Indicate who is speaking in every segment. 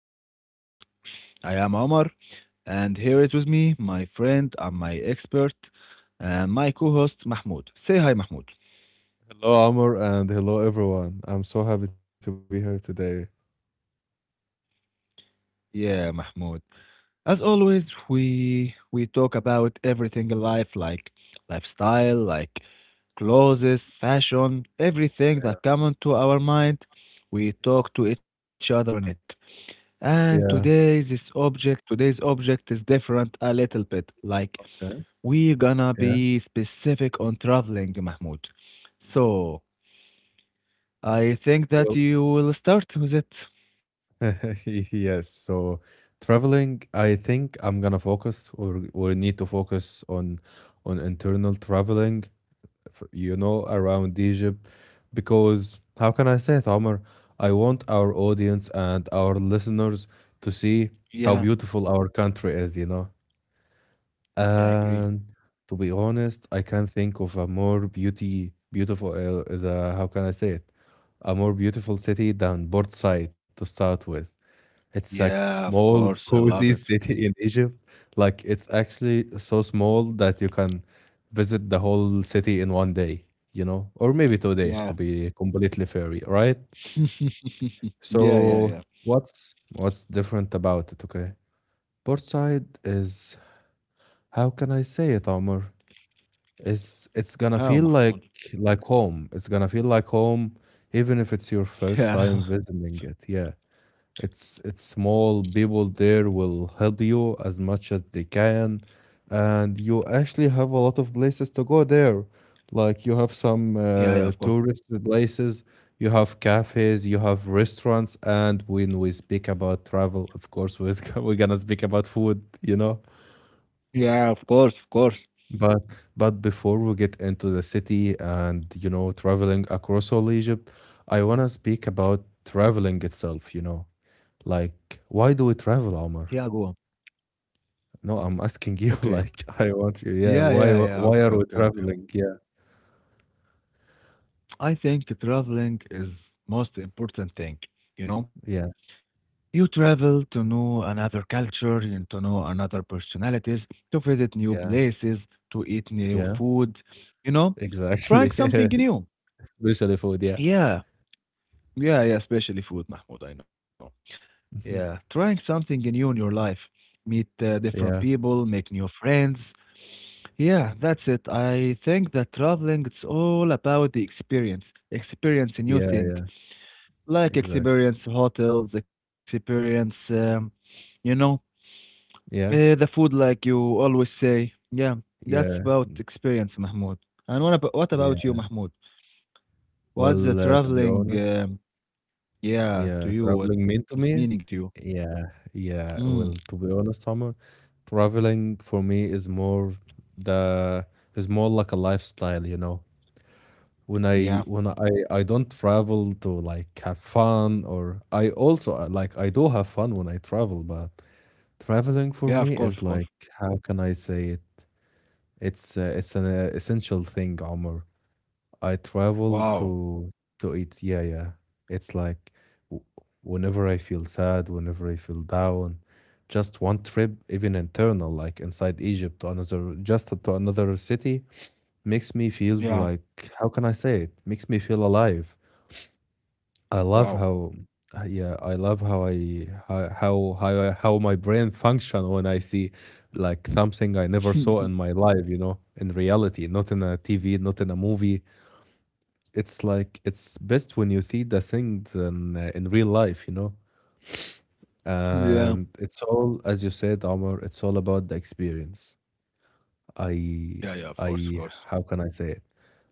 Speaker 1: our podcast. I am Omar, and here is with me my friend and my expert and my co host, Mahmoud. Say hi, Mahmoud.
Speaker 2: Hello, Amor, and hello, everyone. I'm so happy to be here today.
Speaker 1: Yeah, Mahmoud. As always, we talk about everything in life, like lifestyle, like clothes, fashion,
Speaker 2: Yeah.
Speaker 1: everything that comes to our mind. We talk to each other on it.
Speaker 2: Yeah.
Speaker 1: And today, today's object is different a little bit. Like
Speaker 2: Okay.
Speaker 1: we gonna
Speaker 2: Yeah.
Speaker 1: be specific on traveling, Mahmoud.
Speaker 2: Mhm.
Speaker 1: So I think that
Speaker 2: Well,
Speaker 1: you will start with it.
Speaker 2: yes. So, traveling, I think I'm gonna focus or need to focus on internal traveling around Egypt. Because how can I say it, Omar? I want our audience and our listeners to see
Speaker 1: Yeah.
Speaker 2: how beautiful our country is, you know.
Speaker 1: Yeah, I agree.
Speaker 2: And to be honest, I can't think of a beautiful, the, how can I say it? A more beautiful city than Port Said to start with. It's
Speaker 1: Yeah,
Speaker 2: like
Speaker 1: of course,
Speaker 2: small,
Speaker 1: I love it.
Speaker 2: cozy city in Egypt. Like it's actually so small that you can visit the whole city in 1 day, you know, or maybe 2 days to
Speaker 1: Yeah.
Speaker 2: be completely fair, right?
Speaker 1: Yeah, yeah,
Speaker 2: So
Speaker 1: yeah.
Speaker 2: what's different about it? Okay, Portside is how can I say it, Omar? It's gonna
Speaker 1: Oh,
Speaker 2: feel
Speaker 1: Mahmoud.
Speaker 2: like home. It's gonna feel like home, even if it's your first time
Speaker 1: Yeah,
Speaker 2: visiting it. Yeah. It's small. People there will help you as much as they can, and you actually have a lot of places to go there. Like you have some
Speaker 1: yeah, yeah, of course.
Speaker 2: tourist places, you have cafes, you have restaurants, and when we speak about travel, of course, we're we're gonna speak about food, you know.
Speaker 1: Yeah, of course, of course.
Speaker 2: But but before we get into the city and you know traveling across all Egypt, I wanna speak about traveling itself. You know, like why do we travel,
Speaker 1: Yeah,
Speaker 2: Omar?
Speaker 1: go on.
Speaker 2: No, I'm asking you
Speaker 1: Okay.
Speaker 2: like I want you. Yeah,
Speaker 1: Yeah, yeah, yeah.
Speaker 2: why
Speaker 1: Okay,
Speaker 2: are we
Speaker 1: okay, okay.
Speaker 2: traveling? Yeah,
Speaker 1: I think traveling is most important thing, you know?
Speaker 2: yeah,
Speaker 1: You travel to know another culture, and to know another personalities, to visit new
Speaker 2: yeah,
Speaker 1: places, to eat new
Speaker 2: yeah.
Speaker 1: food, you know, trying
Speaker 2: Exactly.
Speaker 1: something new.
Speaker 2: Especially food. Yeah,
Speaker 1: Yeah, yeah, yeah, especially food, Mahmoud, I know.
Speaker 2: mhm,
Speaker 1: Yeah, trying something new in your life. Meet
Speaker 2: yeah,
Speaker 1: different people, make new friends. Yeah, that's it. I think that traveling, it's all about the experience, experience a new
Speaker 2: yeah.
Speaker 1: thing, like
Speaker 2: Exactly.
Speaker 1: experience hotels, experience, you know. Eh,
Speaker 2: Yeah,
Speaker 1: the food, like you always say. Yeah, that's
Speaker 2: yeah,
Speaker 1: about experience, Mahmoud. And what about you,
Speaker 2: yeah.
Speaker 1: Mahmoud? What's the
Speaker 2: Well, to be
Speaker 1: traveling,
Speaker 2: honest,
Speaker 1: um, yeah, to
Speaker 2: yeah,
Speaker 1: you? What
Speaker 2: traveling
Speaker 1: is
Speaker 2: mean to
Speaker 1: meaning to
Speaker 2: me.
Speaker 1: you?
Speaker 2: Yeah,
Speaker 1: Mm,
Speaker 2: yeah. Well, to be honest, Homer, traveling for me is more the is more like a lifestyle. You know, when I
Speaker 1: yeah,
Speaker 2: when I I don't travel to like have fun or I also like I do have fun when I travel, but traveling
Speaker 1: yeah, of
Speaker 2: for
Speaker 1: course,
Speaker 2: me
Speaker 1: of course.
Speaker 2: is like how can I say it? It's an essential thing, Omar. I travel
Speaker 1: Wow,
Speaker 2: to eat. Yeah, yeah. It's like w- whenever I feel sad, whenever I feel down, just one trip, even internal, like inside Egypt to another, just to another city, makes me feel
Speaker 1: yeah,
Speaker 2: like how can I say it? Makes me feel alive. I love
Speaker 1: wow.
Speaker 2: how yeah, I love how I how, I- how my brain function when I see like something I never saw in my life, you know, in reality, not in a TV, not in a movie. It's like it's best when you see the things in real life, you know.
Speaker 1: Yeah,
Speaker 2: And it's all, as you said, Omar, it's all about the experience. I
Speaker 1: yeah, yeah, of course, of
Speaker 2: I
Speaker 1: course.
Speaker 2: how can I say it?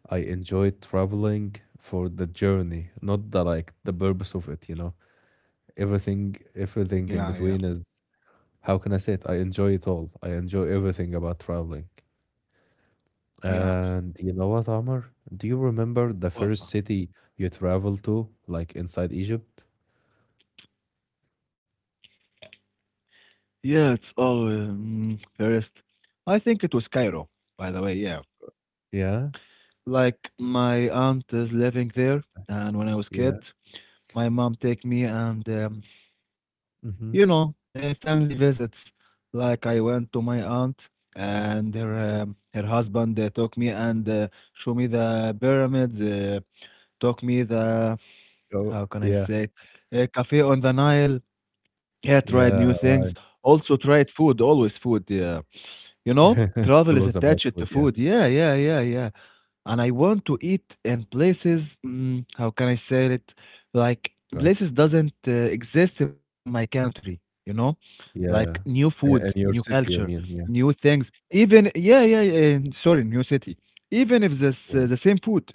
Speaker 2: I enjoy traveling for the journey, not the like the purpose of it, you know.
Speaker 1: Yeah,
Speaker 2: Everything
Speaker 1: yeah,
Speaker 2: in between is how can I say it? I enjoy it all. I enjoy everything about traveling.
Speaker 1: yeah.
Speaker 2: And you know what, Omar? Do you remember the
Speaker 1: What,
Speaker 2: first
Speaker 1: Mahmoud?
Speaker 2: city you traveled to, like inside Egypt?
Speaker 1: Yeah, it's all first. I think it was Cairo, by the way, yeah.
Speaker 2: Yeah,
Speaker 1: Like my aunt is living there, and when I was kid,
Speaker 2: yeah.
Speaker 1: my mom take me and you know
Speaker 2: Hmm.
Speaker 1: family visits. Like I went to my aunt and her her husband took me and show me
Speaker 2: Okay.
Speaker 1: the pyramids. Took me the
Speaker 2: Oh,
Speaker 1: how can I
Speaker 2: yeah,
Speaker 1: say it? A cafe on the Nile. Yeah, tried new
Speaker 2: yeah, right.
Speaker 1: things. Also tried food. Always food. Yeah, you know,
Speaker 2: It's
Speaker 1: travel is
Speaker 2: always about
Speaker 1: attached to
Speaker 2: food. Yeah,
Speaker 1: food. Yeah, yeah, yeah, yeah, and I want to eat in places, mm, how can I say it? Like
Speaker 2: okay.
Speaker 1: places doesn't exist in my country, you know? Like new
Speaker 2: Yeah,
Speaker 1: food,
Speaker 2: and
Speaker 1: new
Speaker 2: your
Speaker 1: culture,
Speaker 2: city, I mean, yeah,
Speaker 1: new things. Even yeah, yeah, yeah, sorry, new city. Even if this
Speaker 2: yeah,
Speaker 1: the same food,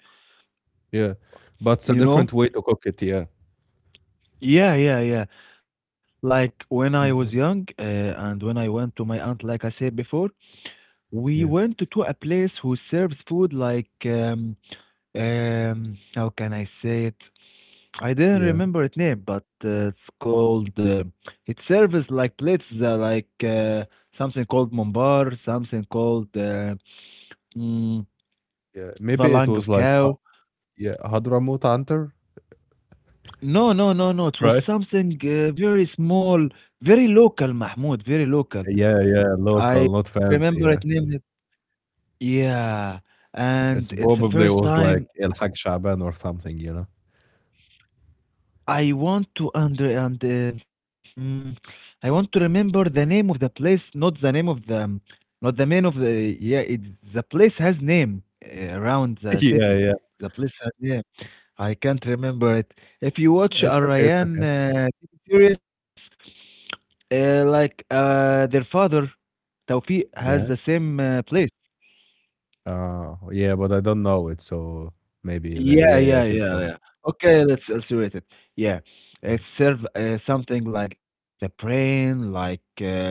Speaker 2: yeah. But it's a
Speaker 1: you know?
Speaker 2: different way to cook it. Yeah,
Speaker 1: Yeah, yeah, yeah. Like when I was
Speaker 2: mhm,
Speaker 1: young, and when I went to my aunt, like I said before, we
Speaker 2: yeah,
Speaker 1: went to a place who serves food like how can I say it? I didn't
Speaker 2: yeah,
Speaker 1: remember its name, but it's called. It serves like plates, like something called mumbar, something called mm,
Speaker 2: yeah.
Speaker 1: the
Speaker 2: Maybe it
Speaker 1: lung
Speaker 2: was
Speaker 1: of
Speaker 2: like,
Speaker 1: cow.
Speaker 2: yeah, Hadramaut Antar.
Speaker 1: No, no, no, no. It was
Speaker 2: Right?
Speaker 1: something very small, very local, Mahmoud, very local.
Speaker 2: Yeah, yeah,
Speaker 1: I
Speaker 2: local, not fancy,
Speaker 1: remember
Speaker 2: yeah.
Speaker 1: it named. It. Yeah,
Speaker 2: It's
Speaker 1: and it's the
Speaker 2: probably
Speaker 1: first
Speaker 2: was like
Speaker 1: time.
Speaker 2: Elhak Shaban or something, you know?
Speaker 1: I want to under and uh, hmm, I want to remember the name of the place, not the name of the, not the man of the. Yeah, it's the place has name around the
Speaker 2: Yeah,
Speaker 1: city.
Speaker 2: yeah.
Speaker 1: The place has name. I can't remember it. If you watch a
Speaker 2: It's okay, it's
Speaker 1: Ryan
Speaker 2: okay.
Speaker 1: series, their father Tawfiq has the
Speaker 2: Yeah?
Speaker 1: same place.
Speaker 2: Yeah, but I don't know it, so maybe,
Speaker 1: Yeah,
Speaker 2: yeah, yeah,
Speaker 1: yeah,
Speaker 2: keep
Speaker 1: yeah,
Speaker 2: going.
Speaker 1: yeah. Okay, let's rate it. Yeah, it
Speaker 2: Mm.
Speaker 1: serve something like the brain,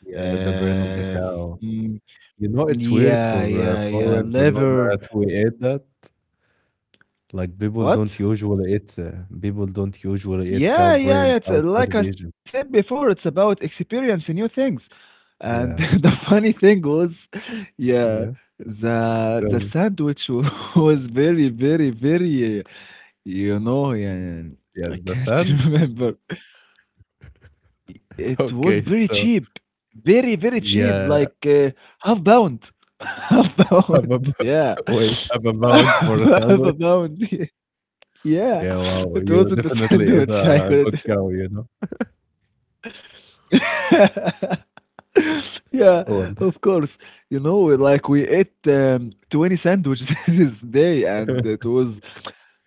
Speaker 2: Yeah, the brain of the cow.
Speaker 1: mm,
Speaker 2: You know, it's weird
Speaker 1: yeah,
Speaker 2: for
Speaker 1: yeah, yeah,
Speaker 2: foreign to know
Speaker 1: liver.
Speaker 2: that we ate that. Like,
Speaker 1: What?
Speaker 2: people don't usually eat cow
Speaker 1: Yeah,
Speaker 2: brains
Speaker 1: yeah. It's
Speaker 2: outside
Speaker 1: like
Speaker 2: of
Speaker 1: I said
Speaker 2: Egypt.
Speaker 1: before. It's about experiencing new things. And the
Speaker 2: Yeah,
Speaker 1: funny thing was, yeah,
Speaker 2: yeah.
Speaker 1: the the
Speaker 2: So,
Speaker 1: sandwich wa- was very, very, very. You know, yeah.
Speaker 2: yeah,
Speaker 1: I
Speaker 2: the
Speaker 1: can't
Speaker 2: sun.
Speaker 1: remember. It was very
Speaker 2: Okay,
Speaker 1: cheap.
Speaker 2: so
Speaker 1: Very, very cheap, like,
Speaker 2: yeah.
Speaker 1: half pound. Half
Speaker 2: Have
Speaker 1: pound,
Speaker 2: a
Speaker 1: yeah.
Speaker 2: wait, have a pound for a
Speaker 1: Half a
Speaker 2: sandwich.
Speaker 1: pound, yeah.
Speaker 2: Yeah, wow,
Speaker 1: It
Speaker 2: you
Speaker 1: wasn't a
Speaker 2: definitely is
Speaker 1: sandwich, I
Speaker 2: a good
Speaker 1: couldn't
Speaker 2: cow, you know.
Speaker 1: yeah, of
Speaker 2: Well,
Speaker 1: course. You know, like, we ate, 20 sandwiches this day, and it was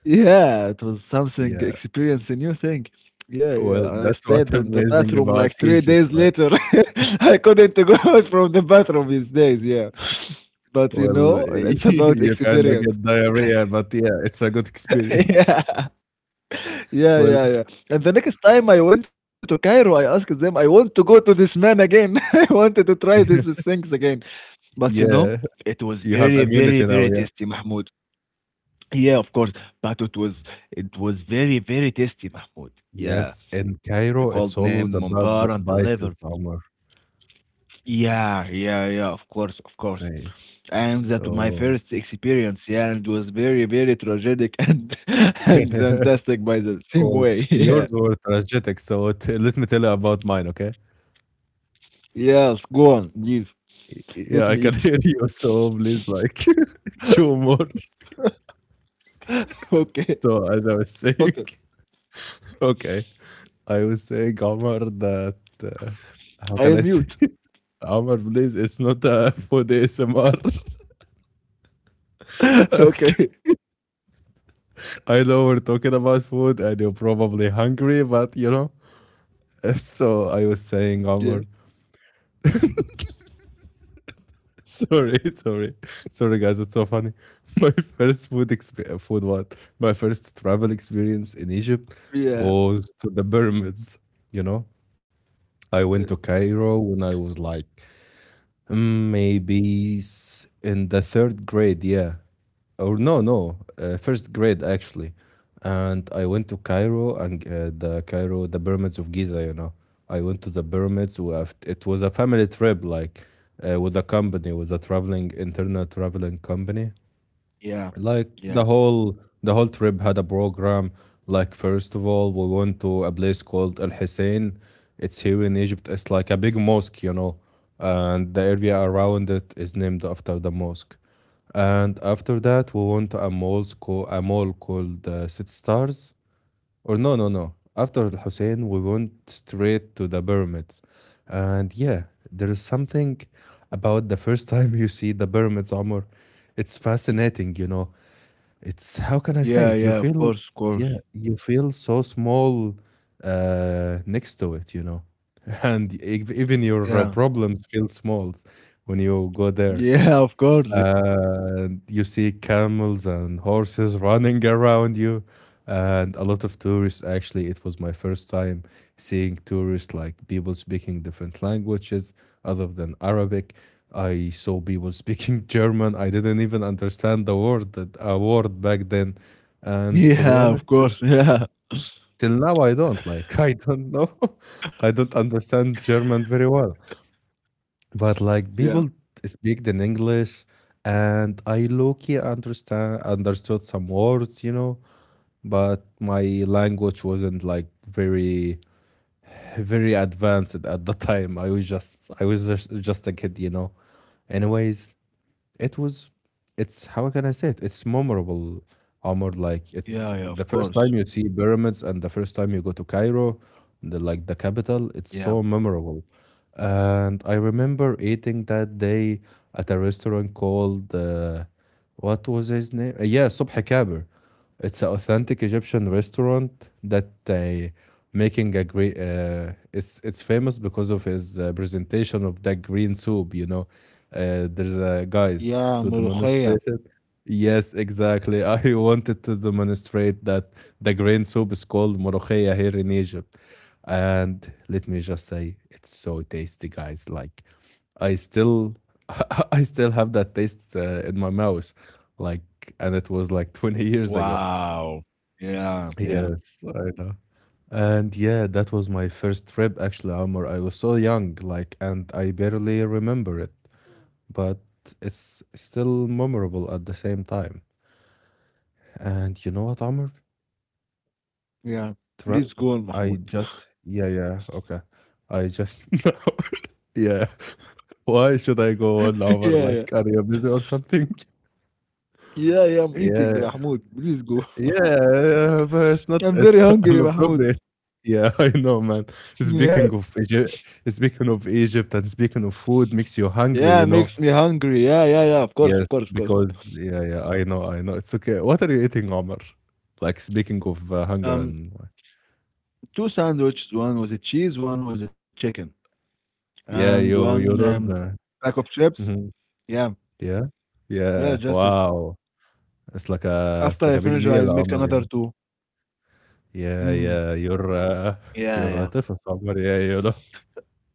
Speaker 1: yeah, it was something
Speaker 2: yeah,
Speaker 1: experience a new thing. Yeah, yeah,
Speaker 2: well,
Speaker 1: and I
Speaker 2: that's what
Speaker 1: stayed in the
Speaker 2: amazing
Speaker 1: bathroom
Speaker 2: about
Speaker 1: like 3
Speaker 2: Egypt.
Speaker 1: days
Speaker 2: Like,
Speaker 1: later. I couldn't go out from the bathroom these days, yeah. But, you
Speaker 2: well,
Speaker 1: know, it's about
Speaker 2: you kind of
Speaker 1: experience.
Speaker 2: get diarrhea, but yeah, it's a good experience.
Speaker 1: Yeah. Yeah,
Speaker 2: Well,
Speaker 1: yeah, yeah, and the next time I went to Cairo, I asked them, "I want to go to this man again. I wanted to try these
Speaker 2: yeah,
Speaker 1: things again." But, you know,
Speaker 2: yeah,
Speaker 1: it was
Speaker 2: you have
Speaker 1: very, very,
Speaker 2: immunity now.
Speaker 1: very
Speaker 2: Yeah,
Speaker 1: tasty, Mahmoud. Yeah, of course, but it was very, very tasty, Mahmoud. Yeah,
Speaker 2: yes. In
Speaker 1: the called
Speaker 2: Cairo,
Speaker 1: name
Speaker 2: it's always
Speaker 1: mumbar and the
Speaker 2: about the
Speaker 1: liver.
Speaker 2: spices, Omar.
Speaker 1: Yeah, yeah, yeah, of course, of course.
Speaker 2: Okay,
Speaker 1: And that was my
Speaker 2: so.
Speaker 1: first experience. Yeah, and it was very, very tragic and and fantastic by the same
Speaker 2: well,
Speaker 1: way. Yeah,
Speaker 2: yours were tragic, so let me tell you about mine, okay?
Speaker 1: yes, go on, please. Let me
Speaker 2: Yeah, I
Speaker 1: eat.
Speaker 2: can hear you, so please, like, chew more.
Speaker 1: Okay,
Speaker 2: So, as I was saying,
Speaker 1: okay.
Speaker 2: okay, I was saying, Omar, that uh,
Speaker 1: I'll
Speaker 2: how can I
Speaker 1: mute.
Speaker 2: say it? Omar, please, it's not a food ASMR. okay.
Speaker 1: Okay.
Speaker 2: I know we're talking about food and you're probably hungry, but you know. So, I was saying,
Speaker 1: Yeah,
Speaker 2: Omar, sorry, sorry, sorry, guys, it's so funny. My first food experience, food what? My first travel experience in Egypt
Speaker 1: yeah,
Speaker 2: was to the pyramids, you know. I
Speaker 1: yeah.
Speaker 2: went to
Speaker 1: Okay.
Speaker 2: Cairo when I was like in the third grade, yeah. Or no, no, first grade actually. And I went to Cairo and the pyramids of Giza, you know. I went to the pyramids. It was a family trip, like with a company, with a internal traveling company.
Speaker 1: Yeah,
Speaker 2: Like the
Speaker 1: yeah,
Speaker 2: whole the whole trip had a program. Like first of all we went to a place called Al Hussein. It's here in Egypt. It's like a big mosque, you know, and the area around it is named after the mosque. And after that we went to a mall called City Stars, or no, after Al Hussein we went straight to the pyramids, and yeah, there is something about the first time you see the pyramids, Omar. It's fascinating, you know. It's how can I say
Speaker 1: yeah,
Speaker 2: it? You
Speaker 1: yeah. Of
Speaker 2: feel,
Speaker 1: course, of course.
Speaker 2: yeah, you feel so small next to it, you know. And even your
Speaker 1: Yeah.
Speaker 2: problems feel small when you go there,
Speaker 1: Yeah, of course.
Speaker 2: and you see camels and horses running around you, and a lot of tourists. Actually it was my first time seeing tourists, like people speaking different languages other than Arabic. I saw people speaking German. I didn't even understand the word that a word back then, and to be
Speaker 1: Yeah,
Speaker 2: honest
Speaker 1: of course. Yeah.
Speaker 2: till now I don't like I don't know, I don't understand German very well. But like
Speaker 1: Yeah.
Speaker 2: people speak in English, and I low-key understand understood some words, you know, but my language wasn't like very advanced at the time. I was just a kid, you know. Anyways, it was, it's how can I say it? It's memorable, Omar. Like it's
Speaker 1: Yeah, yeah, of
Speaker 2: the first
Speaker 1: course.
Speaker 2: time you see pyramids and the first time you go to Cairo, the like the capital.
Speaker 1: Yeah.
Speaker 2: It's so memorable. And I remember eating that day at a restaurant called what was his name? Yeah, Subh Kaber. It's an authentic Egyptian restaurant that making a great. It's famous because of his presentation of that green soup. You know, there's a guys
Speaker 1: Yeah,
Speaker 2: to
Speaker 1: ملوخية.
Speaker 2: demonstrate it. Yes, exactly. I wanted to demonstrate that the green soup is called morokhia here in Egypt, and let me just say, it's so tasty, guys. Like I still I still have that taste in my mouth, like, and it was like 20 years ago.
Speaker 1: Wow. Yeah, yeah,
Speaker 2: Yes, I know. And yeah, that was my first trip actually, Amr. I was so young, like, and I barely remember it, but it's still memorable at the same time. And you know what, Amr?
Speaker 1: yeah.
Speaker 2: Tra-
Speaker 1: Please go on,
Speaker 2: I
Speaker 1: Mahmoud.
Speaker 2: just, yeah, yeah, okay. I just, no. Yeah. Why should I go on, Amr?
Speaker 1: Yeah,
Speaker 2: Like,
Speaker 1: yeah.
Speaker 2: are you busy or something?
Speaker 1: Yeah, yeah, I'm eating,
Speaker 2: Yeah,
Speaker 1: Mahmoud. Please go.
Speaker 2: yeah, yeah, but it's not
Speaker 1: I'm very
Speaker 2: it's
Speaker 1: hungry, Mahmoud.
Speaker 2: inappropriate. Yeah, I know, man.
Speaker 1: Yeah.
Speaker 2: Speaking of Egypt, speaking of Egypt and speaking of food makes you
Speaker 1: Yeah,
Speaker 2: hungry, you
Speaker 1: makes me
Speaker 2: know?
Speaker 1: hungry. Yeah, yeah, yeah. Of course, of
Speaker 2: Yes,
Speaker 1: course, of course.
Speaker 2: because yeah, yeah, I know, I know. It's okay. What are you eating, Omar? Like speaking of hunger
Speaker 1: Um,
Speaker 2: and
Speaker 1: two sandwiches. One was a cheese, one was a chicken, and
Speaker 2: yeah,
Speaker 1: one
Speaker 2: you don't
Speaker 1: pack of chips.
Speaker 2: mhm,
Speaker 1: Yeah,
Speaker 2: yeah,
Speaker 1: yeah,
Speaker 2: yeah.
Speaker 1: just it.
Speaker 2: Wow,
Speaker 1: After
Speaker 2: it's like
Speaker 1: I
Speaker 2: a big
Speaker 1: finish, I'll
Speaker 2: meal,
Speaker 1: make
Speaker 2: Omar, you
Speaker 1: another
Speaker 2: know?
Speaker 1: two.
Speaker 2: Yeah,
Speaker 1: Mm.
Speaker 2: yeah.
Speaker 1: Yeah,
Speaker 2: You're a
Speaker 1: yeah.
Speaker 2: different Omar. Yeah, you know.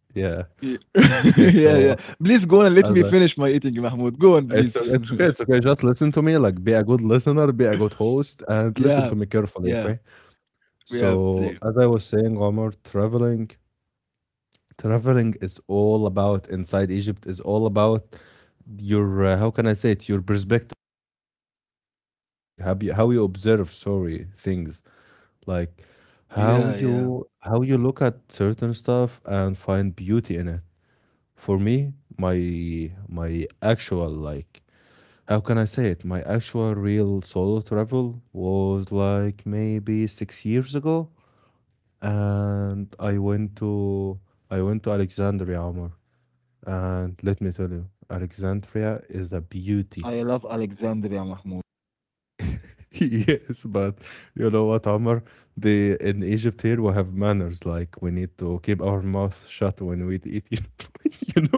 Speaker 2: Yeah.
Speaker 1: Ye
Speaker 2: Okay,
Speaker 1: yeah, yeah.
Speaker 2: so
Speaker 1: Please go on and let me
Speaker 2: as
Speaker 1: finish my eating, Mahmoud. Go on,
Speaker 2: It's
Speaker 1: please.
Speaker 2: o it's okay, just listen to me, like, be a good listener, be a good host, and listen
Speaker 1: Yeah.
Speaker 2: to me carefully,
Speaker 1: Yeah.
Speaker 2: okay?
Speaker 1: Yeah,
Speaker 2: So,
Speaker 1: please.
Speaker 2: as I was saying, Omar, traveling is all about inside Egypt, is all about your, how can I say it? Your perspective, how you observe, sorry, things. Like,
Speaker 1: Yeah, yeah.
Speaker 2: how you look at certain stuff and find beauty in it. For me, my actual, like, how can I say it? My actual real solo travel was like maybe 6 years ago, and I went to Alexandria, Omar. And let me tell you, Alexandria is a beauty.
Speaker 1: I love Alexandria, Mahmoud.
Speaker 2: Yes, but you know what, Omar? The in Egypt here we have manners. Like we need to keep our mouth shut when we eat. You know. You know?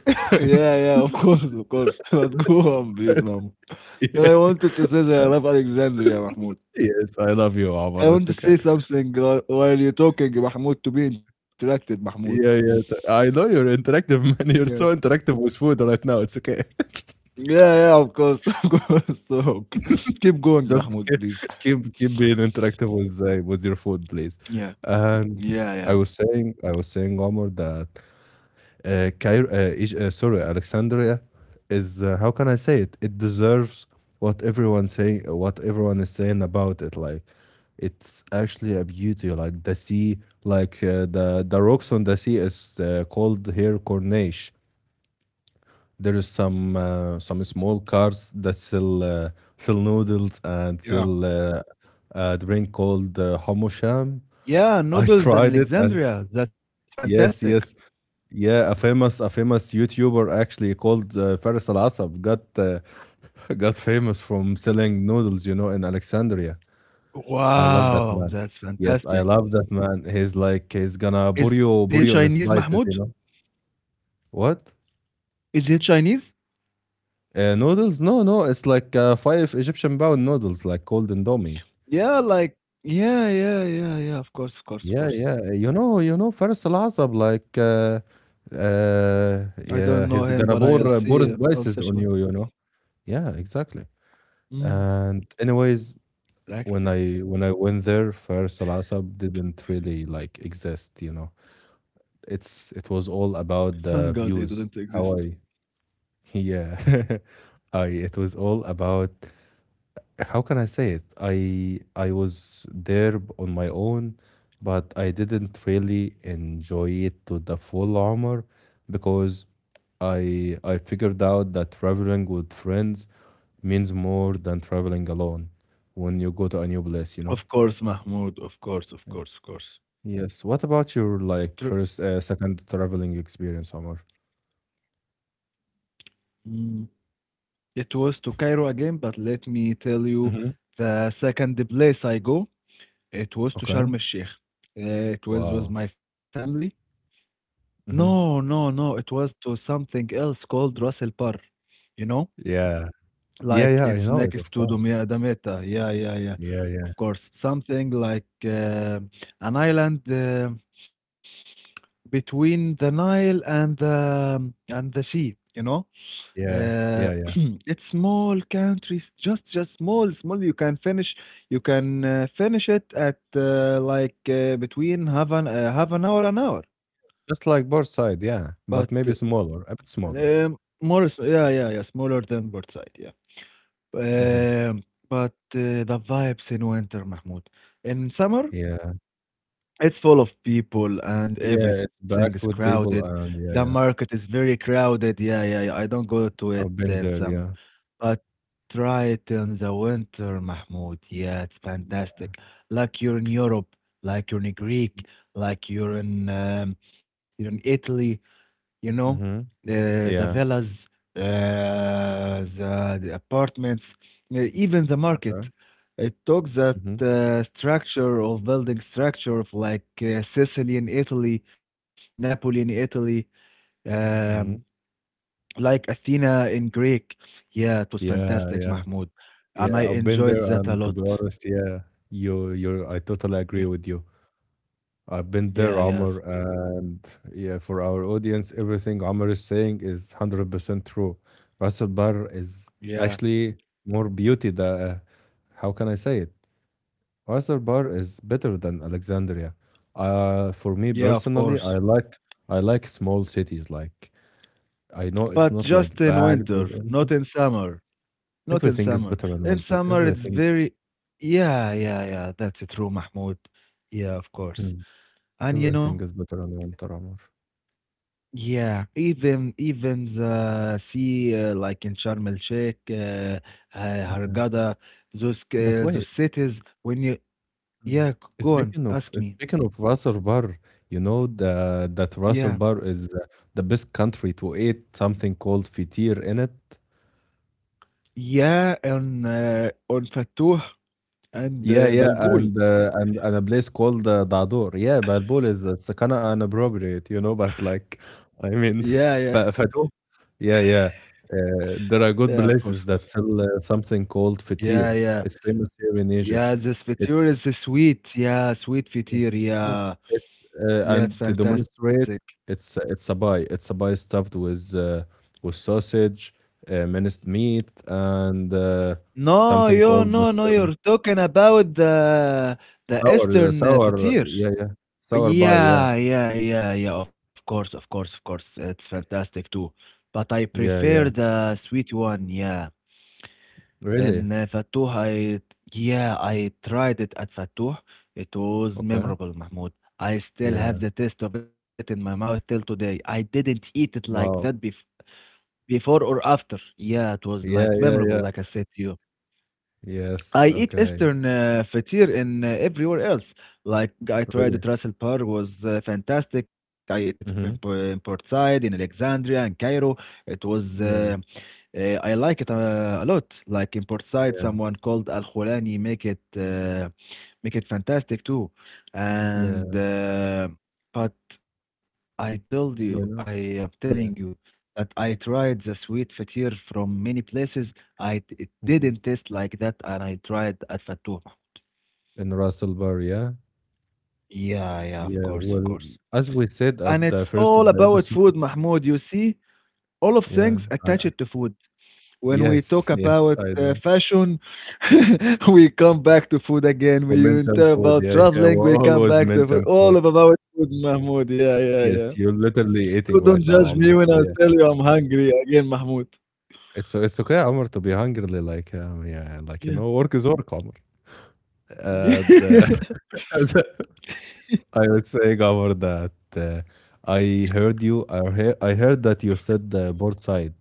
Speaker 1: Yeah, yeah, of course, of course. But go on, please, Mahmoud. Then
Speaker 2: Yeah.
Speaker 1: I wanted to say that I love Alexandria, Mahmoud.
Speaker 2: Yes, I love you, Omar.
Speaker 1: I want
Speaker 2: It's
Speaker 1: to
Speaker 2: okay.
Speaker 1: say something while you're talking, Mahmoud, to be interacted, Mahmoud.
Speaker 2: Yeah, yeah. I know you're interactive,
Speaker 1: Yeah.
Speaker 2: man. You're so interactive with food right now. It's okay.
Speaker 1: Yeah, yeah, of course, of course. So, okay. Keep going,
Speaker 2: Just
Speaker 1: Mahmoud,
Speaker 2: keep
Speaker 1: please.
Speaker 2: keep, keep being interactive with with your food, please.
Speaker 1: Yeah.
Speaker 2: And
Speaker 1: Yeah,
Speaker 2: I
Speaker 1: yeah.
Speaker 2: was saying, I was saying, Omar, that Cairo, sorry, Alexandria is how can I say it? It deserves what everyone is saying about it. Like, it's actually a beauty. Like the sea, the rocks on the sea is called here Corniche. There is some small cars that sell noodles and
Speaker 1: Yeah.
Speaker 2: sell a drink called hamosham.
Speaker 1: Yeah,
Speaker 2: I
Speaker 1: noodles in
Speaker 2: tried it, and
Speaker 1: Alexandria, that's fantastic.
Speaker 2: yes, yes, yeah, a famous YouTuber actually called Faris Al Asab got got famous from selling noodles, in Alexandria. I love that
Speaker 1: Wow,
Speaker 2: man.
Speaker 1: that's
Speaker 2: Yes, I
Speaker 1: fantastic.
Speaker 2: love that man. He's like he's gonna
Speaker 1: Is he
Speaker 2: buryo
Speaker 1: Chinese,
Speaker 2: buryo in
Speaker 1: Mahmoud?
Speaker 2: spices. What?
Speaker 1: Is he Chinese?
Speaker 2: Noodles? No, no. It's like 5 Egyptian pound noodles, like cold indomie.
Speaker 1: Yeah, like yeah, yeah, yeah, yeah, of course, of course, of
Speaker 2: Yeah,
Speaker 1: course.
Speaker 2: yeah. Faris Al Azab, like,
Speaker 1: I don't know
Speaker 2: yeah,
Speaker 1: him,
Speaker 2: he's
Speaker 1: but
Speaker 2: gonna
Speaker 1: I'll
Speaker 2: pour uh,
Speaker 1: see,
Speaker 2: pour
Speaker 1: I'll
Speaker 2: spices
Speaker 1: search for
Speaker 2: on you. You know. Yeah, exactly.
Speaker 1: mm,
Speaker 2: And anyways, when
Speaker 1: exactly.
Speaker 2: I went there, Faris Al Azab didn't really like exist. It was all
Speaker 1: Thank
Speaker 2: about
Speaker 1: God
Speaker 2: the
Speaker 1: he didn't
Speaker 2: views.
Speaker 1: exist.
Speaker 2: How I yeah, I it was all about how can I say it? I was there on my own, but I didn't really enjoy it to the full armor because I figured out that traveling with friends means more than traveling alone when you go to a new place, you know?
Speaker 1: Of course, Mahmoud, of course, of
Speaker 2: Yeah.
Speaker 1: course, of course.
Speaker 2: Yes. What about
Speaker 1: It
Speaker 2: your
Speaker 1: r-
Speaker 2: like first second traveling experience, Omar?
Speaker 1: mm, it was to Cairo again, but let me tell you
Speaker 2: Mm-hmm.
Speaker 1: the second place I go. It was to
Speaker 2: Okay.
Speaker 1: Sharm el-Sheikh. It was with
Speaker 2: Wow.
Speaker 1: my family.
Speaker 2: Mm-hmm.
Speaker 1: No, no, no. It was to something else called Ras El Par. You know,
Speaker 2: Yeah. Yeah,
Speaker 1: like
Speaker 2: yeah, I
Speaker 1: it's
Speaker 2: know it,
Speaker 1: next
Speaker 2: of
Speaker 1: to
Speaker 2: course.
Speaker 1: Dumia Dameta. Yeah, yeah, yeah.
Speaker 2: Yeah, yeah,
Speaker 1: Of course, something like an island between the Nile and the sea. You know.
Speaker 2: yeah,
Speaker 1: Uh,
Speaker 2: yeah, yeah.
Speaker 1: it's small countries, just small, small. You can finish it at between half an hour, an hour.
Speaker 2: Just like both side, yeah,
Speaker 1: But
Speaker 2: but maybe smaller, a bit
Speaker 1: uh,
Speaker 2: smaller.
Speaker 1: um, yeah, yeah, yeah, smaller than Portside, yeah.
Speaker 2: Mhm.
Speaker 1: Um, but the vibes in winter, Mahmoud. In summer,
Speaker 2: Yeah,
Speaker 1: it's full of people and
Speaker 2: yeah, it's
Speaker 1: everything is
Speaker 2: backed with
Speaker 1: crowded.
Speaker 2: people, and
Speaker 1: The
Speaker 2: yeah, yeah,
Speaker 1: market is very crowded. Yeah, yeah, yeah. I don't go to it
Speaker 2: I've been
Speaker 1: in
Speaker 2: there,
Speaker 1: summer,
Speaker 2: yeah.
Speaker 1: but try it in the winter, Mahmoud. Yeah, it's fantastic. Like you're in Europe, like you're in Greek, like you're in um, you're in Italy, you know,
Speaker 2: Mhm.
Speaker 1: the
Speaker 2: Yeah.
Speaker 1: villas, uh, the apartments, even the
Speaker 2: Okay.
Speaker 1: market. It took that
Speaker 2: Mhm.
Speaker 1: structure of building structure of like Sicily in Italy, Napoli in Italy, um,
Speaker 2: Mhm.
Speaker 1: like Athena in Greek. Yeah, it was
Speaker 2: Yeah,
Speaker 1: fantastic,
Speaker 2: yeah,
Speaker 1: Mahmoud. And
Speaker 2: yeah.
Speaker 1: I
Speaker 2: I've been
Speaker 1: enjoyed
Speaker 2: there,
Speaker 1: that a
Speaker 2: and to
Speaker 1: lot.
Speaker 2: be honest, yeah, I totally
Speaker 1: Yeah.
Speaker 2: agree with you. I've been there,
Speaker 1: Yeah, yes.
Speaker 2: Omar,
Speaker 1: Yeah,
Speaker 2: and yeah, for our audience, everything Omar is saying is 100% true. Ras Bar is
Speaker 1: yeah,
Speaker 2: actually more beauty than, how can I say it? Hyderabad is better than Alexandria. For me
Speaker 1: yeah, of
Speaker 2: personally, I
Speaker 1: course.
Speaker 2: like I like small cities. Like I know it's
Speaker 1: But
Speaker 2: not
Speaker 1: just
Speaker 2: like
Speaker 1: in
Speaker 2: bagged with
Speaker 1: winter,
Speaker 2: everything.
Speaker 1: not in summer. Not in
Speaker 2: Everything is
Speaker 1: summer.
Speaker 2: better in
Speaker 1: In
Speaker 2: winter.
Speaker 1: summer, it's
Speaker 2: Everything.
Speaker 1: very, yeah, yeah, yeah. That's true, Mahmoud. Yeah, of course.
Speaker 2: Mm.
Speaker 1: And you know,
Speaker 2: Everything is better in winter, Amor.
Speaker 1: yeah, even the sea, like in Sharm el Sheikh, uh,
Speaker 2: Yeah.
Speaker 1: Hurghada,
Speaker 2: But
Speaker 1: those
Speaker 2: wait.
Speaker 1: cities. When you,
Speaker 2: Mm.
Speaker 1: yeah, c- go on,
Speaker 2: speaking of
Speaker 1: ask me.
Speaker 2: speaking of Ras Bar, you know the that
Speaker 1: Yeah,
Speaker 2: Ras Bar is the best country to eat something called fitir in it.
Speaker 1: yeah, on Fatouh and
Speaker 2: Yeah, yeah,
Speaker 1: Balboul.
Speaker 2: and a place called Dadur. Yeah, Balbul is it's kind of inappropriate. But like, I mean,
Speaker 1: Yeah, yeah,
Speaker 2: Fatu. Yeah, yeah. There are
Speaker 1: yeah.
Speaker 2: good
Speaker 1: Of course, of
Speaker 2: places
Speaker 1: course.
Speaker 2: that sell something called
Speaker 1: Yeah,
Speaker 2: fatir.
Speaker 1: yeah.
Speaker 2: It's famous here in
Speaker 1: Yeah,
Speaker 2: Egypt.
Speaker 1: this fature is
Speaker 2: It's
Speaker 1: sweet. Yeah, sweet fature.
Speaker 2: Yes, yes.
Speaker 1: Yeah,
Speaker 2: It's
Speaker 1: yeah, it's
Speaker 2: And to
Speaker 1: fantastic.
Speaker 2: demonstrate, it's a pie. It's a pie stuffed with with sausage, minced meat, and
Speaker 1: No,
Speaker 2: something
Speaker 1: you
Speaker 2: called
Speaker 1: no, no,
Speaker 2: bastar.
Speaker 1: you're talking about the Eastern
Speaker 2: Sour,
Speaker 1: fature.
Speaker 2: yeah, yeah, sour pie, yeah,
Speaker 1: Yeah, yeah, yeah, yeah. Of course, of course, of course. It's fantastic too. But I
Speaker 2: yeah,
Speaker 1: prefer
Speaker 2: yeah.
Speaker 1: the sweet one. Yeah,
Speaker 2: Really?
Speaker 1: and Fatouh, I yeah, I tried it at Fatouh. It was
Speaker 2: Okay.
Speaker 1: memorable, Mahmoud. I still have
Speaker 2: Yeah.
Speaker 1: the taste of it in my mouth till today. I didn't eat it like that
Speaker 2: Wow.
Speaker 1: before. Before or after? Yeah, it was like
Speaker 2: Yeah, yeah,
Speaker 1: memorable,
Speaker 2: yeah.
Speaker 1: like I said to you.
Speaker 2: Yes.
Speaker 1: I eat
Speaker 2: Okay.
Speaker 1: Eastern fatir in everywhere else. Like I tried at
Speaker 2: Really.
Speaker 1: Ras Al Par was fantastic. I ate it in, Po-
Speaker 2: Mm-hmm.
Speaker 1: in Port Said, in Alexandria, in Cairo. It was
Speaker 2: Yeah,
Speaker 1: I like it a lot. Like in Port Said,
Speaker 2: yeah,
Speaker 1: someone called Al Khulani make it fantastic too.
Speaker 2: yeah.
Speaker 1: And but I told you, I
Speaker 2: You
Speaker 1: am
Speaker 2: know.
Speaker 1: telling you
Speaker 2: Yeah.
Speaker 1: that I tried the sweet fatir from many places. It didn't
Speaker 2: hmm
Speaker 1: taste like that, and I tried at Fattuh.
Speaker 2: In Russell Bar, yeah,
Speaker 1: Yeah, yeah, of
Speaker 2: yeah.
Speaker 1: course, of
Speaker 2: Well,
Speaker 1: course.
Speaker 2: as we said
Speaker 1: And
Speaker 2: at the
Speaker 1: it's
Speaker 2: first of
Speaker 1: all
Speaker 2: the
Speaker 1: about
Speaker 2: episode,
Speaker 1: food, Mahmoud. You see, all of
Speaker 2: yeah,
Speaker 1: things
Speaker 2: I
Speaker 1: attached to food. When we talk
Speaker 2: yes, yes,
Speaker 1: about
Speaker 2: I know.
Speaker 1: fashion, we come back to food again.
Speaker 2: We
Speaker 1: We when
Speaker 2: mentioned
Speaker 1: talk
Speaker 2: food,
Speaker 1: about
Speaker 2: yeah, yeah. We
Speaker 1: traveling, we come
Speaker 2: always
Speaker 1: back to food.
Speaker 2: mention
Speaker 1: All
Speaker 2: food.
Speaker 1: of about food, Mahmoud. Yeah, yeah,
Speaker 2: Yes,
Speaker 1: yeah.
Speaker 2: you're literally eating
Speaker 1: So
Speaker 2: right
Speaker 1: don't
Speaker 2: now,
Speaker 1: judge
Speaker 2: Amr.
Speaker 1: me when
Speaker 2: So
Speaker 1: I
Speaker 2: yeah.
Speaker 1: tell you I'm hungry again, Mahmoud.
Speaker 2: It's okay, Omar, to be hungry, like yeah, like
Speaker 1: Yeah.
Speaker 2: work is work, Omar. And I would say, Omar, that I heard you. I heard that you said Portside,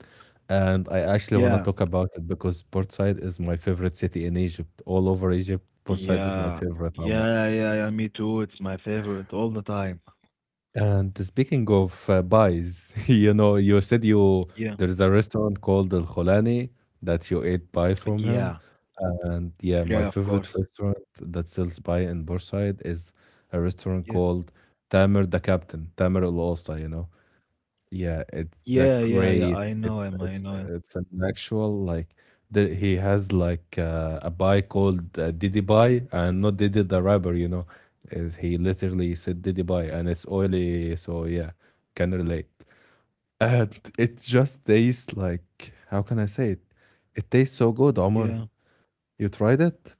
Speaker 2: and I actually want to
Speaker 1: yeah.
Speaker 2: talk about it because Portside is my favorite city in Egypt. All over Egypt, Portside is my
Speaker 1: Yeah.
Speaker 2: favorite, Omar.
Speaker 1: Yeah, yeah, yeah, me too. It's my favorite all the time.
Speaker 2: And speaking of pies, you know, you said you
Speaker 1: Yeah.
Speaker 2: there is a restaurant called Al Khulani that you ate pie from him.
Speaker 1: Yeah.
Speaker 2: And yeah, my
Speaker 1: Yeah, of
Speaker 2: favorite
Speaker 1: course.
Speaker 2: restaurant that sells pie in Bursaid is a restaurant
Speaker 1: Yeah.
Speaker 2: called Tamer the Captain, Tamer Al Osta. Yeah, it's
Speaker 1: Yeah,
Speaker 2: a
Speaker 1: yeah, yeah. I
Speaker 2: great.
Speaker 1: know him.
Speaker 2: It's
Speaker 1: I
Speaker 2: it's
Speaker 1: know him.
Speaker 2: it's an actual like he has like a pie called Diddy Pie and not Diddy the rapper. He literally said Diddy Pie and it's oily, so yeah, can relate. And it just tastes like how can I say it? It tastes so good, Omar.
Speaker 1: Yeah.
Speaker 2: You tried it?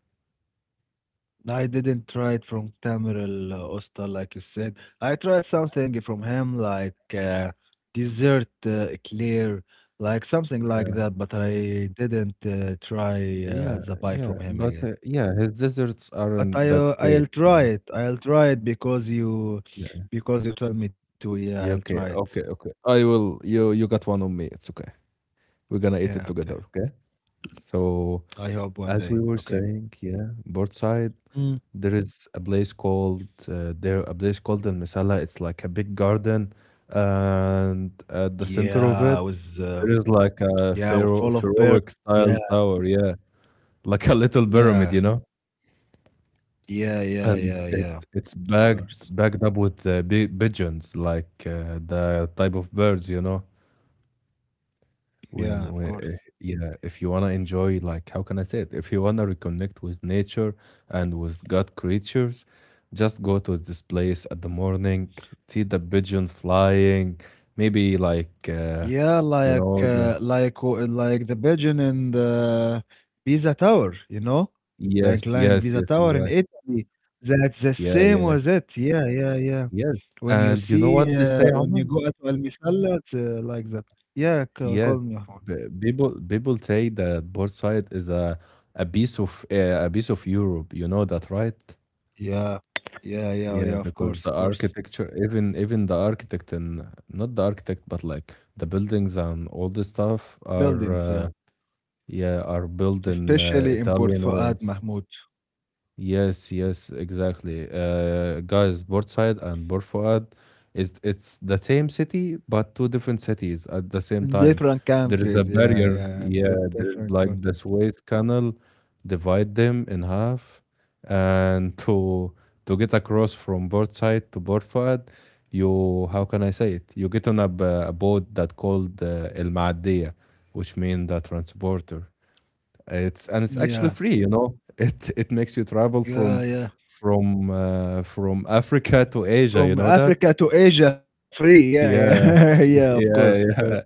Speaker 1: I didn't try it from Tamer Al Osta, like you said. I tried something from him, like dessert eclair, like something like that, but I didn't try
Speaker 2: Yeah,
Speaker 1: the pie
Speaker 2: yeah,
Speaker 1: from him
Speaker 2: but,
Speaker 1: again.
Speaker 2: yeah, his desserts
Speaker 1: But
Speaker 2: aren't that great,
Speaker 1: I'll try
Speaker 2: man.
Speaker 1: it. I'll try it
Speaker 2: Yeah,
Speaker 1: because you told me to. Yeah, I'll
Speaker 2: yeah,
Speaker 1: try it.
Speaker 2: okay, okay, okay. I will you you got one on me, it's okay. We're gonna eat it
Speaker 1: Yeah,
Speaker 2: together,
Speaker 1: okay.
Speaker 2: okay? So,
Speaker 1: I hope one
Speaker 2: as we
Speaker 1: day.
Speaker 2: were
Speaker 1: Okay.
Speaker 2: saying, yeah, Portside,
Speaker 1: Mm.
Speaker 2: there is a place called El Misala. It's like a big garden, and at the center
Speaker 1: Yeah, I
Speaker 2: of it,
Speaker 1: was
Speaker 2: there is like a
Speaker 1: yeah, we're
Speaker 2: pharaoh
Speaker 1: full of birds.
Speaker 2: pharaohic
Speaker 1: Yeah,
Speaker 2: style tower, yeah, like a little pyramid,
Speaker 1: yeah,
Speaker 2: you know?
Speaker 1: yeah, yeah,
Speaker 2: And
Speaker 1: yeah,
Speaker 2: it
Speaker 1: yeah.
Speaker 2: it's
Speaker 1: Of
Speaker 2: bagged
Speaker 1: course.
Speaker 2: bagged up with pi pigeons, like the type of birds,
Speaker 1: Yeah, of course.
Speaker 2: yeah, if you wanna enjoy, like, how can I say it? If you wanna reconnect with nature and with God creatures, just go to this place at the morning, see the pigeon flying, maybe like,
Speaker 1: Yeah,
Speaker 2: you know, the
Speaker 1: like like the pigeon in the Pisa Tower, you know? The
Speaker 2: yes,
Speaker 1: inclined
Speaker 2: yes,
Speaker 1: Pisa
Speaker 2: yes,
Speaker 1: Tower in
Speaker 2: exactly.
Speaker 1: Italy. That's the
Speaker 2: Yeah,
Speaker 1: same
Speaker 2: yeah,
Speaker 1: was it. Yeah, yeah, yeah.
Speaker 2: yes.
Speaker 1: When you
Speaker 2: And you know
Speaker 1: see
Speaker 2: what they say,
Speaker 1: when
Speaker 2: Omar?
Speaker 1: you go at Al Misalla, it's like that.
Speaker 2: Yes,
Speaker 1: Call me.
Speaker 2: b people say that Bursaid is a piece of Europe. You know that, right?
Speaker 1: Yeah. Yeah, yeah,
Speaker 2: Yeah,
Speaker 1: yeah, of
Speaker 2: because
Speaker 1: course, of
Speaker 2: the
Speaker 1: course.
Speaker 2: architecture, even the architect and not the architect, but like the buildings and all this stuff are
Speaker 1: Buildings, yeah.
Speaker 2: built in
Speaker 1: Especially in Port
Speaker 2: Italian
Speaker 1: Fouad,
Speaker 2: ways.
Speaker 1: Mahmoud.
Speaker 2: Yes, yes, exactly. Guys, Burtside and Bor Fuad is it's the same city but two different cities at the same
Speaker 1: In
Speaker 2: time.
Speaker 1: different
Speaker 2: There is a
Speaker 1: countries, yeah,
Speaker 2: barrier.
Speaker 1: yeah.
Speaker 2: Yeah, there's
Speaker 1: Different
Speaker 2: like the
Speaker 1: content.
Speaker 2: Suez Canal divide them in half, and to get across from Burtside to Bor Fuad, you how can I say it? You get on a boat that called El Maadiyah, which means the transporter. It's And it's actually
Speaker 1: Yeah,
Speaker 2: free, you know? It makes you travel
Speaker 1: yeah,
Speaker 2: from
Speaker 1: yeah.
Speaker 2: from Africa to Asia, you
Speaker 1: From
Speaker 2: know that?
Speaker 1: Africa to Asia, free. Yeah, yeah.
Speaker 2: Yeah.
Speaker 1: Yeah, of course, of
Speaker 2: Yeah,
Speaker 1: course.
Speaker 2: yeah.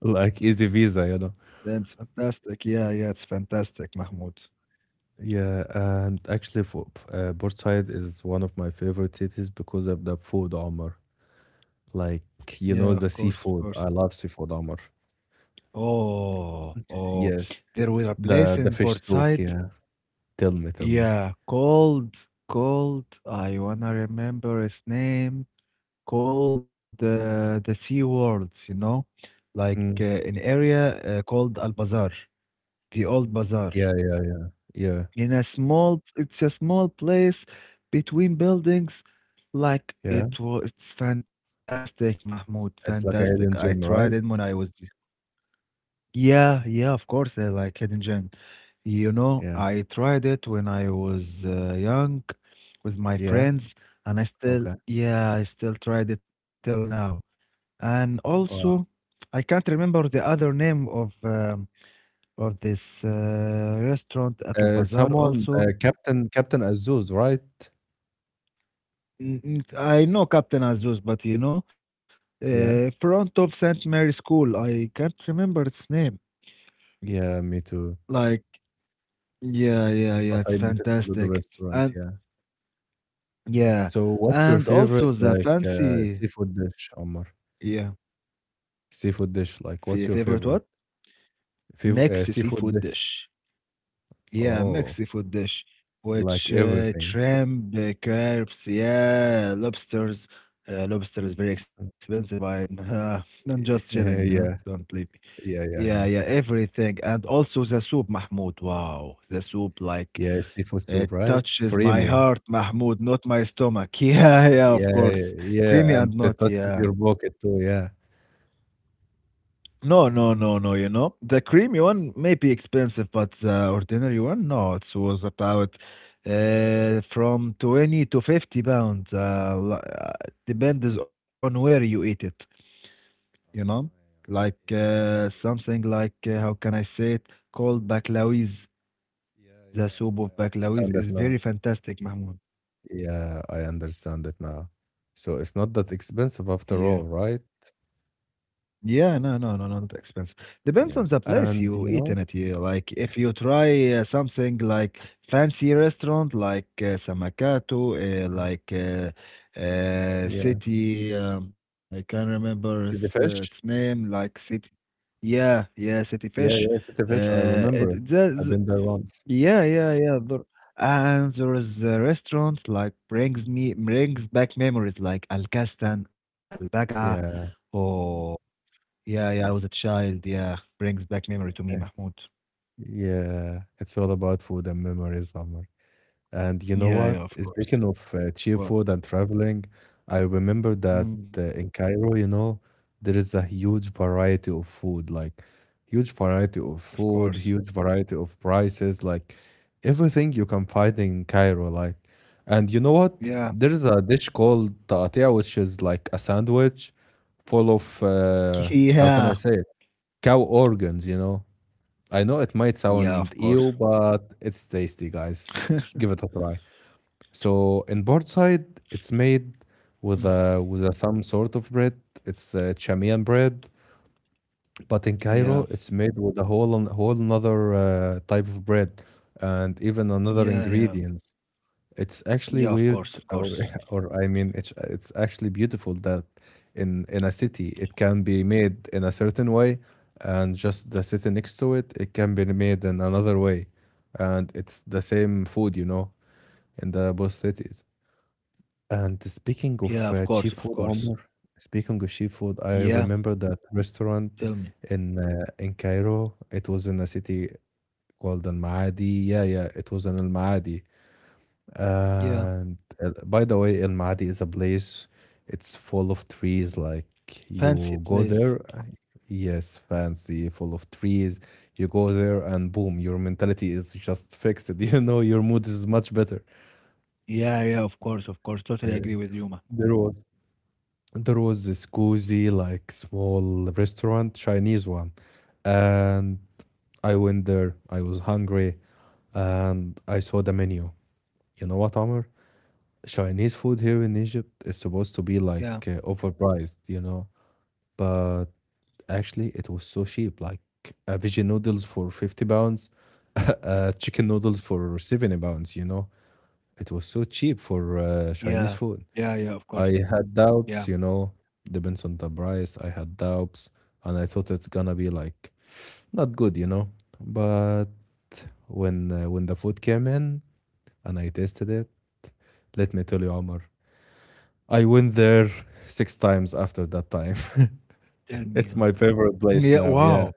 Speaker 2: Like easy visa, you know?
Speaker 1: That's fantastic. Yeah, yeah, it's fantastic, Mahmoud.
Speaker 2: Yeah, and actually for Port-Said is one of my favorite cities because of the food, Omar. Like,
Speaker 1: Yeah, of course,
Speaker 2: the
Speaker 1: of course.
Speaker 2: seafood. I love seafood, Omar.
Speaker 1: Oh, oh.
Speaker 2: Yes.
Speaker 1: There were a place
Speaker 2: The
Speaker 1: in
Speaker 2: fish
Speaker 1: Port
Speaker 2: souk,
Speaker 1: Said.
Speaker 2: yeah. Tell me, tell me.
Speaker 1: Yeah, called, called. I wanna remember his name. Called the Sea Worlds, you know, like
Speaker 2: Mm.
Speaker 1: an area called Al Bazaar, the Old Bazaar.
Speaker 2: Yeah, yeah, yeah,
Speaker 1: It's a small place between buildings.
Speaker 2: yeah.
Speaker 1: It's fantastic, Mahmoud.
Speaker 2: It's like
Speaker 1: Fantastic.
Speaker 2: a
Speaker 1: I
Speaker 2: hidden
Speaker 1: tried
Speaker 2: gem,
Speaker 1: it when
Speaker 2: right?
Speaker 1: I was. Yeah, yeah, of course. Like hidden gem. You know,
Speaker 2: Yeah.
Speaker 1: I tried it when I was young with my
Speaker 2: Yeah.
Speaker 1: friends, and I still,
Speaker 2: Okay.
Speaker 1: yeah, I still tried it till now. And also,
Speaker 2: Wow.
Speaker 1: I can't remember the other name of this restaurant at Al Bazaar
Speaker 2: Someone,
Speaker 1: also.
Speaker 2: Captain Azuz, right?
Speaker 1: Mm, mm, I know Captain Azuz, but you know,
Speaker 2: Yeah.
Speaker 1: front of St. Mary's School. I can't remember its name.
Speaker 2: Yeah, me too.
Speaker 1: Like, yeah, yeah, yeah,
Speaker 2: But
Speaker 1: it's
Speaker 2: I bet it's a good
Speaker 1: fantastic.
Speaker 2: restaurant,
Speaker 1: And
Speaker 2: yeah.
Speaker 1: yeah,
Speaker 2: So what's your
Speaker 1: and
Speaker 2: favorite
Speaker 1: also the
Speaker 2: like
Speaker 1: fancy,
Speaker 2: seafood dish, Omar?
Speaker 1: yeah,
Speaker 2: Seafood dish, like what's your
Speaker 1: favorite what?
Speaker 2: favorite? Fav
Speaker 1: Mixed
Speaker 2: Seafood
Speaker 1: seafood
Speaker 2: dish.
Speaker 1: dish. Yeah,
Speaker 2: Oh,
Speaker 1: Mexican food dish,
Speaker 2: like
Speaker 1: which
Speaker 2: everything.
Speaker 1: shrimp, crabs, yeah, lobsters. Lobster is very expensive. I'm just chilling, no?
Speaker 2: Yeah, yeah,
Speaker 1: Don't believe me.
Speaker 2: yeah,
Speaker 1: Yeah, yeah,
Speaker 2: yeah.
Speaker 1: everything. And also the soup, Mahmoud. Wow, the soup, like,
Speaker 2: Yeah, seafood
Speaker 1: it
Speaker 2: soup, right?
Speaker 1: touches my
Speaker 2: Creamy.
Speaker 1: heart, Mahmoud, not my stomach. Yeah, yeah,
Speaker 2: Yeah,
Speaker 1: of course. Creamy
Speaker 2: yeah, and
Speaker 1: and
Speaker 2: it
Speaker 1: not,
Speaker 2: touches
Speaker 1: yeah.
Speaker 2: your pocket too, yeah.
Speaker 1: No, no, no, no. You know, the creamy one may be expensive, but the ordinary one, no, it was about from 20 to 50 pounds. Depends on where you eat it, you know,
Speaker 2: Oh,
Speaker 1: like
Speaker 2: yeah. Yeah, yeah, I get
Speaker 1: something like, how can I say it, called baklawis.
Speaker 2: yeah,
Speaker 1: The
Speaker 2: yeah,
Speaker 1: soup
Speaker 2: I
Speaker 1: of baklawis
Speaker 2: understand
Speaker 1: is
Speaker 2: that now.
Speaker 1: very fantastic, Mahmoud.
Speaker 2: Yeah, I understand it now. So it's not that expensive
Speaker 1: Yeah.
Speaker 2: after all, right?
Speaker 1: Yeah, no, no, no, no, not expensive. Depends on the
Speaker 2: Yes.
Speaker 1: place
Speaker 2: And
Speaker 1: you eat in it. Yeah. Like if you try something like fancy restaurant, like Samakato,
Speaker 2: Mm.
Speaker 1: like
Speaker 2: yeah,
Speaker 1: city, I can't remember
Speaker 2: see the
Speaker 1: its
Speaker 2: fish?
Speaker 1: name. Like city, yeah, yeah, city
Speaker 2: Yeah,
Speaker 1: fish.
Speaker 2: yeah, see the fish. I remember it.
Speaker 1: It
Speaker 2: I've
Speaker 1: does,
Speaker 2: been there once.
Speaker 1: yeah, yeah, yeah. But, and there is a restaurant like brings back memories like Al Kastan, Al Baga,
Speaker 2: Yeah,
Speaker 1: or. Yeah, yeah, I was a child. Yeah, brings back memory to me, Mahmoud.
Speaker 2: yeah. It's all about food and memories, Omar. And you know
Speaker 1: Yeah,
Speaker 2: what?
Speaker 1: yeah, of course.
Speaker 2: Speaking of cheap
Speaker 1: What?
Speaker 2: food and traveling, I remember that
Speaker 1: Mm,
Speaker 2: in Cairo, there is a huge variety of food, like huge variety of
Speaker 1: of
Speaker 2: food,
Speaker 1: course.
Speaker 2: huge variety of prices, like everything you can find in Cairo. Like, and you know what?
Speaker 1: Yeah.
Speaker 2: There is a dish called taqatia, which is like a sandwich full of how can
Speaker 1: Yeah.
Speaker 2: I say it? Cow organs. I know it might
Speaker 1: Yeah,
Speaker 2: sound
Speaker 1: of
Speaker 2: ew,
Speaker 1: course.
Speaker 2: but it's tasty, guys. Give it a try. So in board side, it's made with
Speaker 1: Mm.
Speaker 2: some sort of bread. It's Chamian bread, but in
Speaker 1: Yeah.
Speaker 2: Cairo, it's made with a whole another type of bread, and even another
Speaker 1: Yeah, yeah.
Speaker 2: ingredients. It's actually
Speaker 1: Yeah, of
Speaker 2: weird,
Speaker 1: course, of
Speaker 2: or
Speaker 1: course.
Speaker 2: or I mean, it's actually beautiful that in a city it can be made in a certain way, and just the city next to it, it can be made in another way, and it's the same food, in the both cities. And speaking
Speaker 1: Yeah,
Speaker 2: of
Speaker 1: of course,
Speaker 2: cheap
Speaker 1: of
Speaker 2: food,
Speaker 1: course.
Speaker 2: Omar, speaking of cheap food,
Speaker 1: Yeah,
Speaker 2: I remember that
Speaker 1: tell
Speaker 2: restaurant
Speaker 1: me.
Speaker 2: in Cairo. It was in a city called Al Maadi. Yeah, yeah, it was in Al Maadi.
Speaker 1: Yeah.
Speaker 2: And by the way, Al Maadi is a place. It's full of trees. Like
Speaker 1: Fancy
Speaker 2: you
Speaker 1: place.
Speaker 2: go there, yes, fancy, full of trees. You go there, and boom, your mentality is just fixed. You know, your mood is much better.
Speaker 1: Yeah, yeah, of course, of course. Totally
Speaker 2: Uh,
Speaker 1: agree with you, Mahmoud.
Speaker 2: there was. There was this cozy like small restaurant Chinese one. And I went there. I was hungry, and I saw the menu. You know what, Amr? Chinese food here in Egypt is supposed to be like
Speaker 1: Yeah,
Speaker 2: overpriced, but actually it was so cheap, like veggie noodles for 50 pounds, chicken noodles for 70 pounds, it was so cheap for Chinese
Speaker 1: yeah.
Speaker 2: food.
Speaker 1: Yeah, yeah, of course.
Speaker 2: I had
Speaker 1: Yeah.
Speaker 2: doubts, depends on the price. I had doubts, and I thought it's gonna be like not good. But when when the food came in and I tasted it, let me tell you, Omar, I went there 6 times after that time.
Speaker 1: Tell me.
Speaker 2: It's my favorite
Speaker 1: Yeah,
Speaker 2: place now.
Speaker 1: wow.
Speaker 2: Yeah,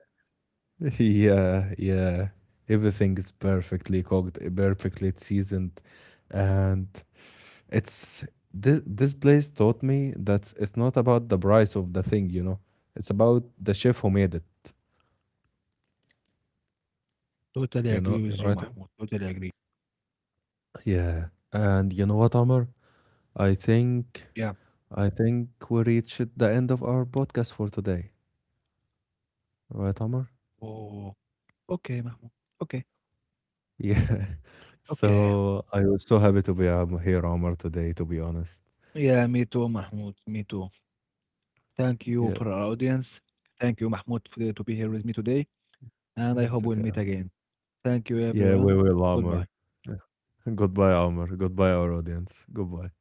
Speaker 2: yeah, yeah. Everything is perfectly cooked, perfectly seasoned, and It's this this place taught me that it's not about the price of the thing. It's about the chef who made it,
Speaker 1: Totally
Speaker 2: you
Speaker 1: agree
Speaker 2: know,
Speaker 1: with you,
Speaker 2: right?
Speaker 1: Mahmoud. Totally agree.
Speaker 2: Yeah. And you know what, Amr? I think
Speaker 1: Yeah.
Speaker 2: I think we reached the end of our podcast for today. Right, Amr?
Speaker 1: Oh. Okay, Mahmoud. Okay.
Speaker 2: Yeah.
Speaker 1: Okay.
Speaker 2: So I was so happy to be here, Amr, today, to be honest.
Speaker 1: Yeah, me too, Mahmoud. Me too. Thank you for our
Speaker 2: Yeah,
Speaker 1: audience. Thank you, Mahmoud, for, to be here with me today. And I hope
Speaker 2: it's
Speaker 1: we'll
Speaker 2: okay.
Speaker 1: meet again. Thank you,
Speaker 2: Yeah, we
Speaker 1: everyone.
Speaker 2: will, Amr.
Speaker 1: Goodbye.
Speaker 2: Goodbye, Amr. Goodbye, our audience. Goodbye.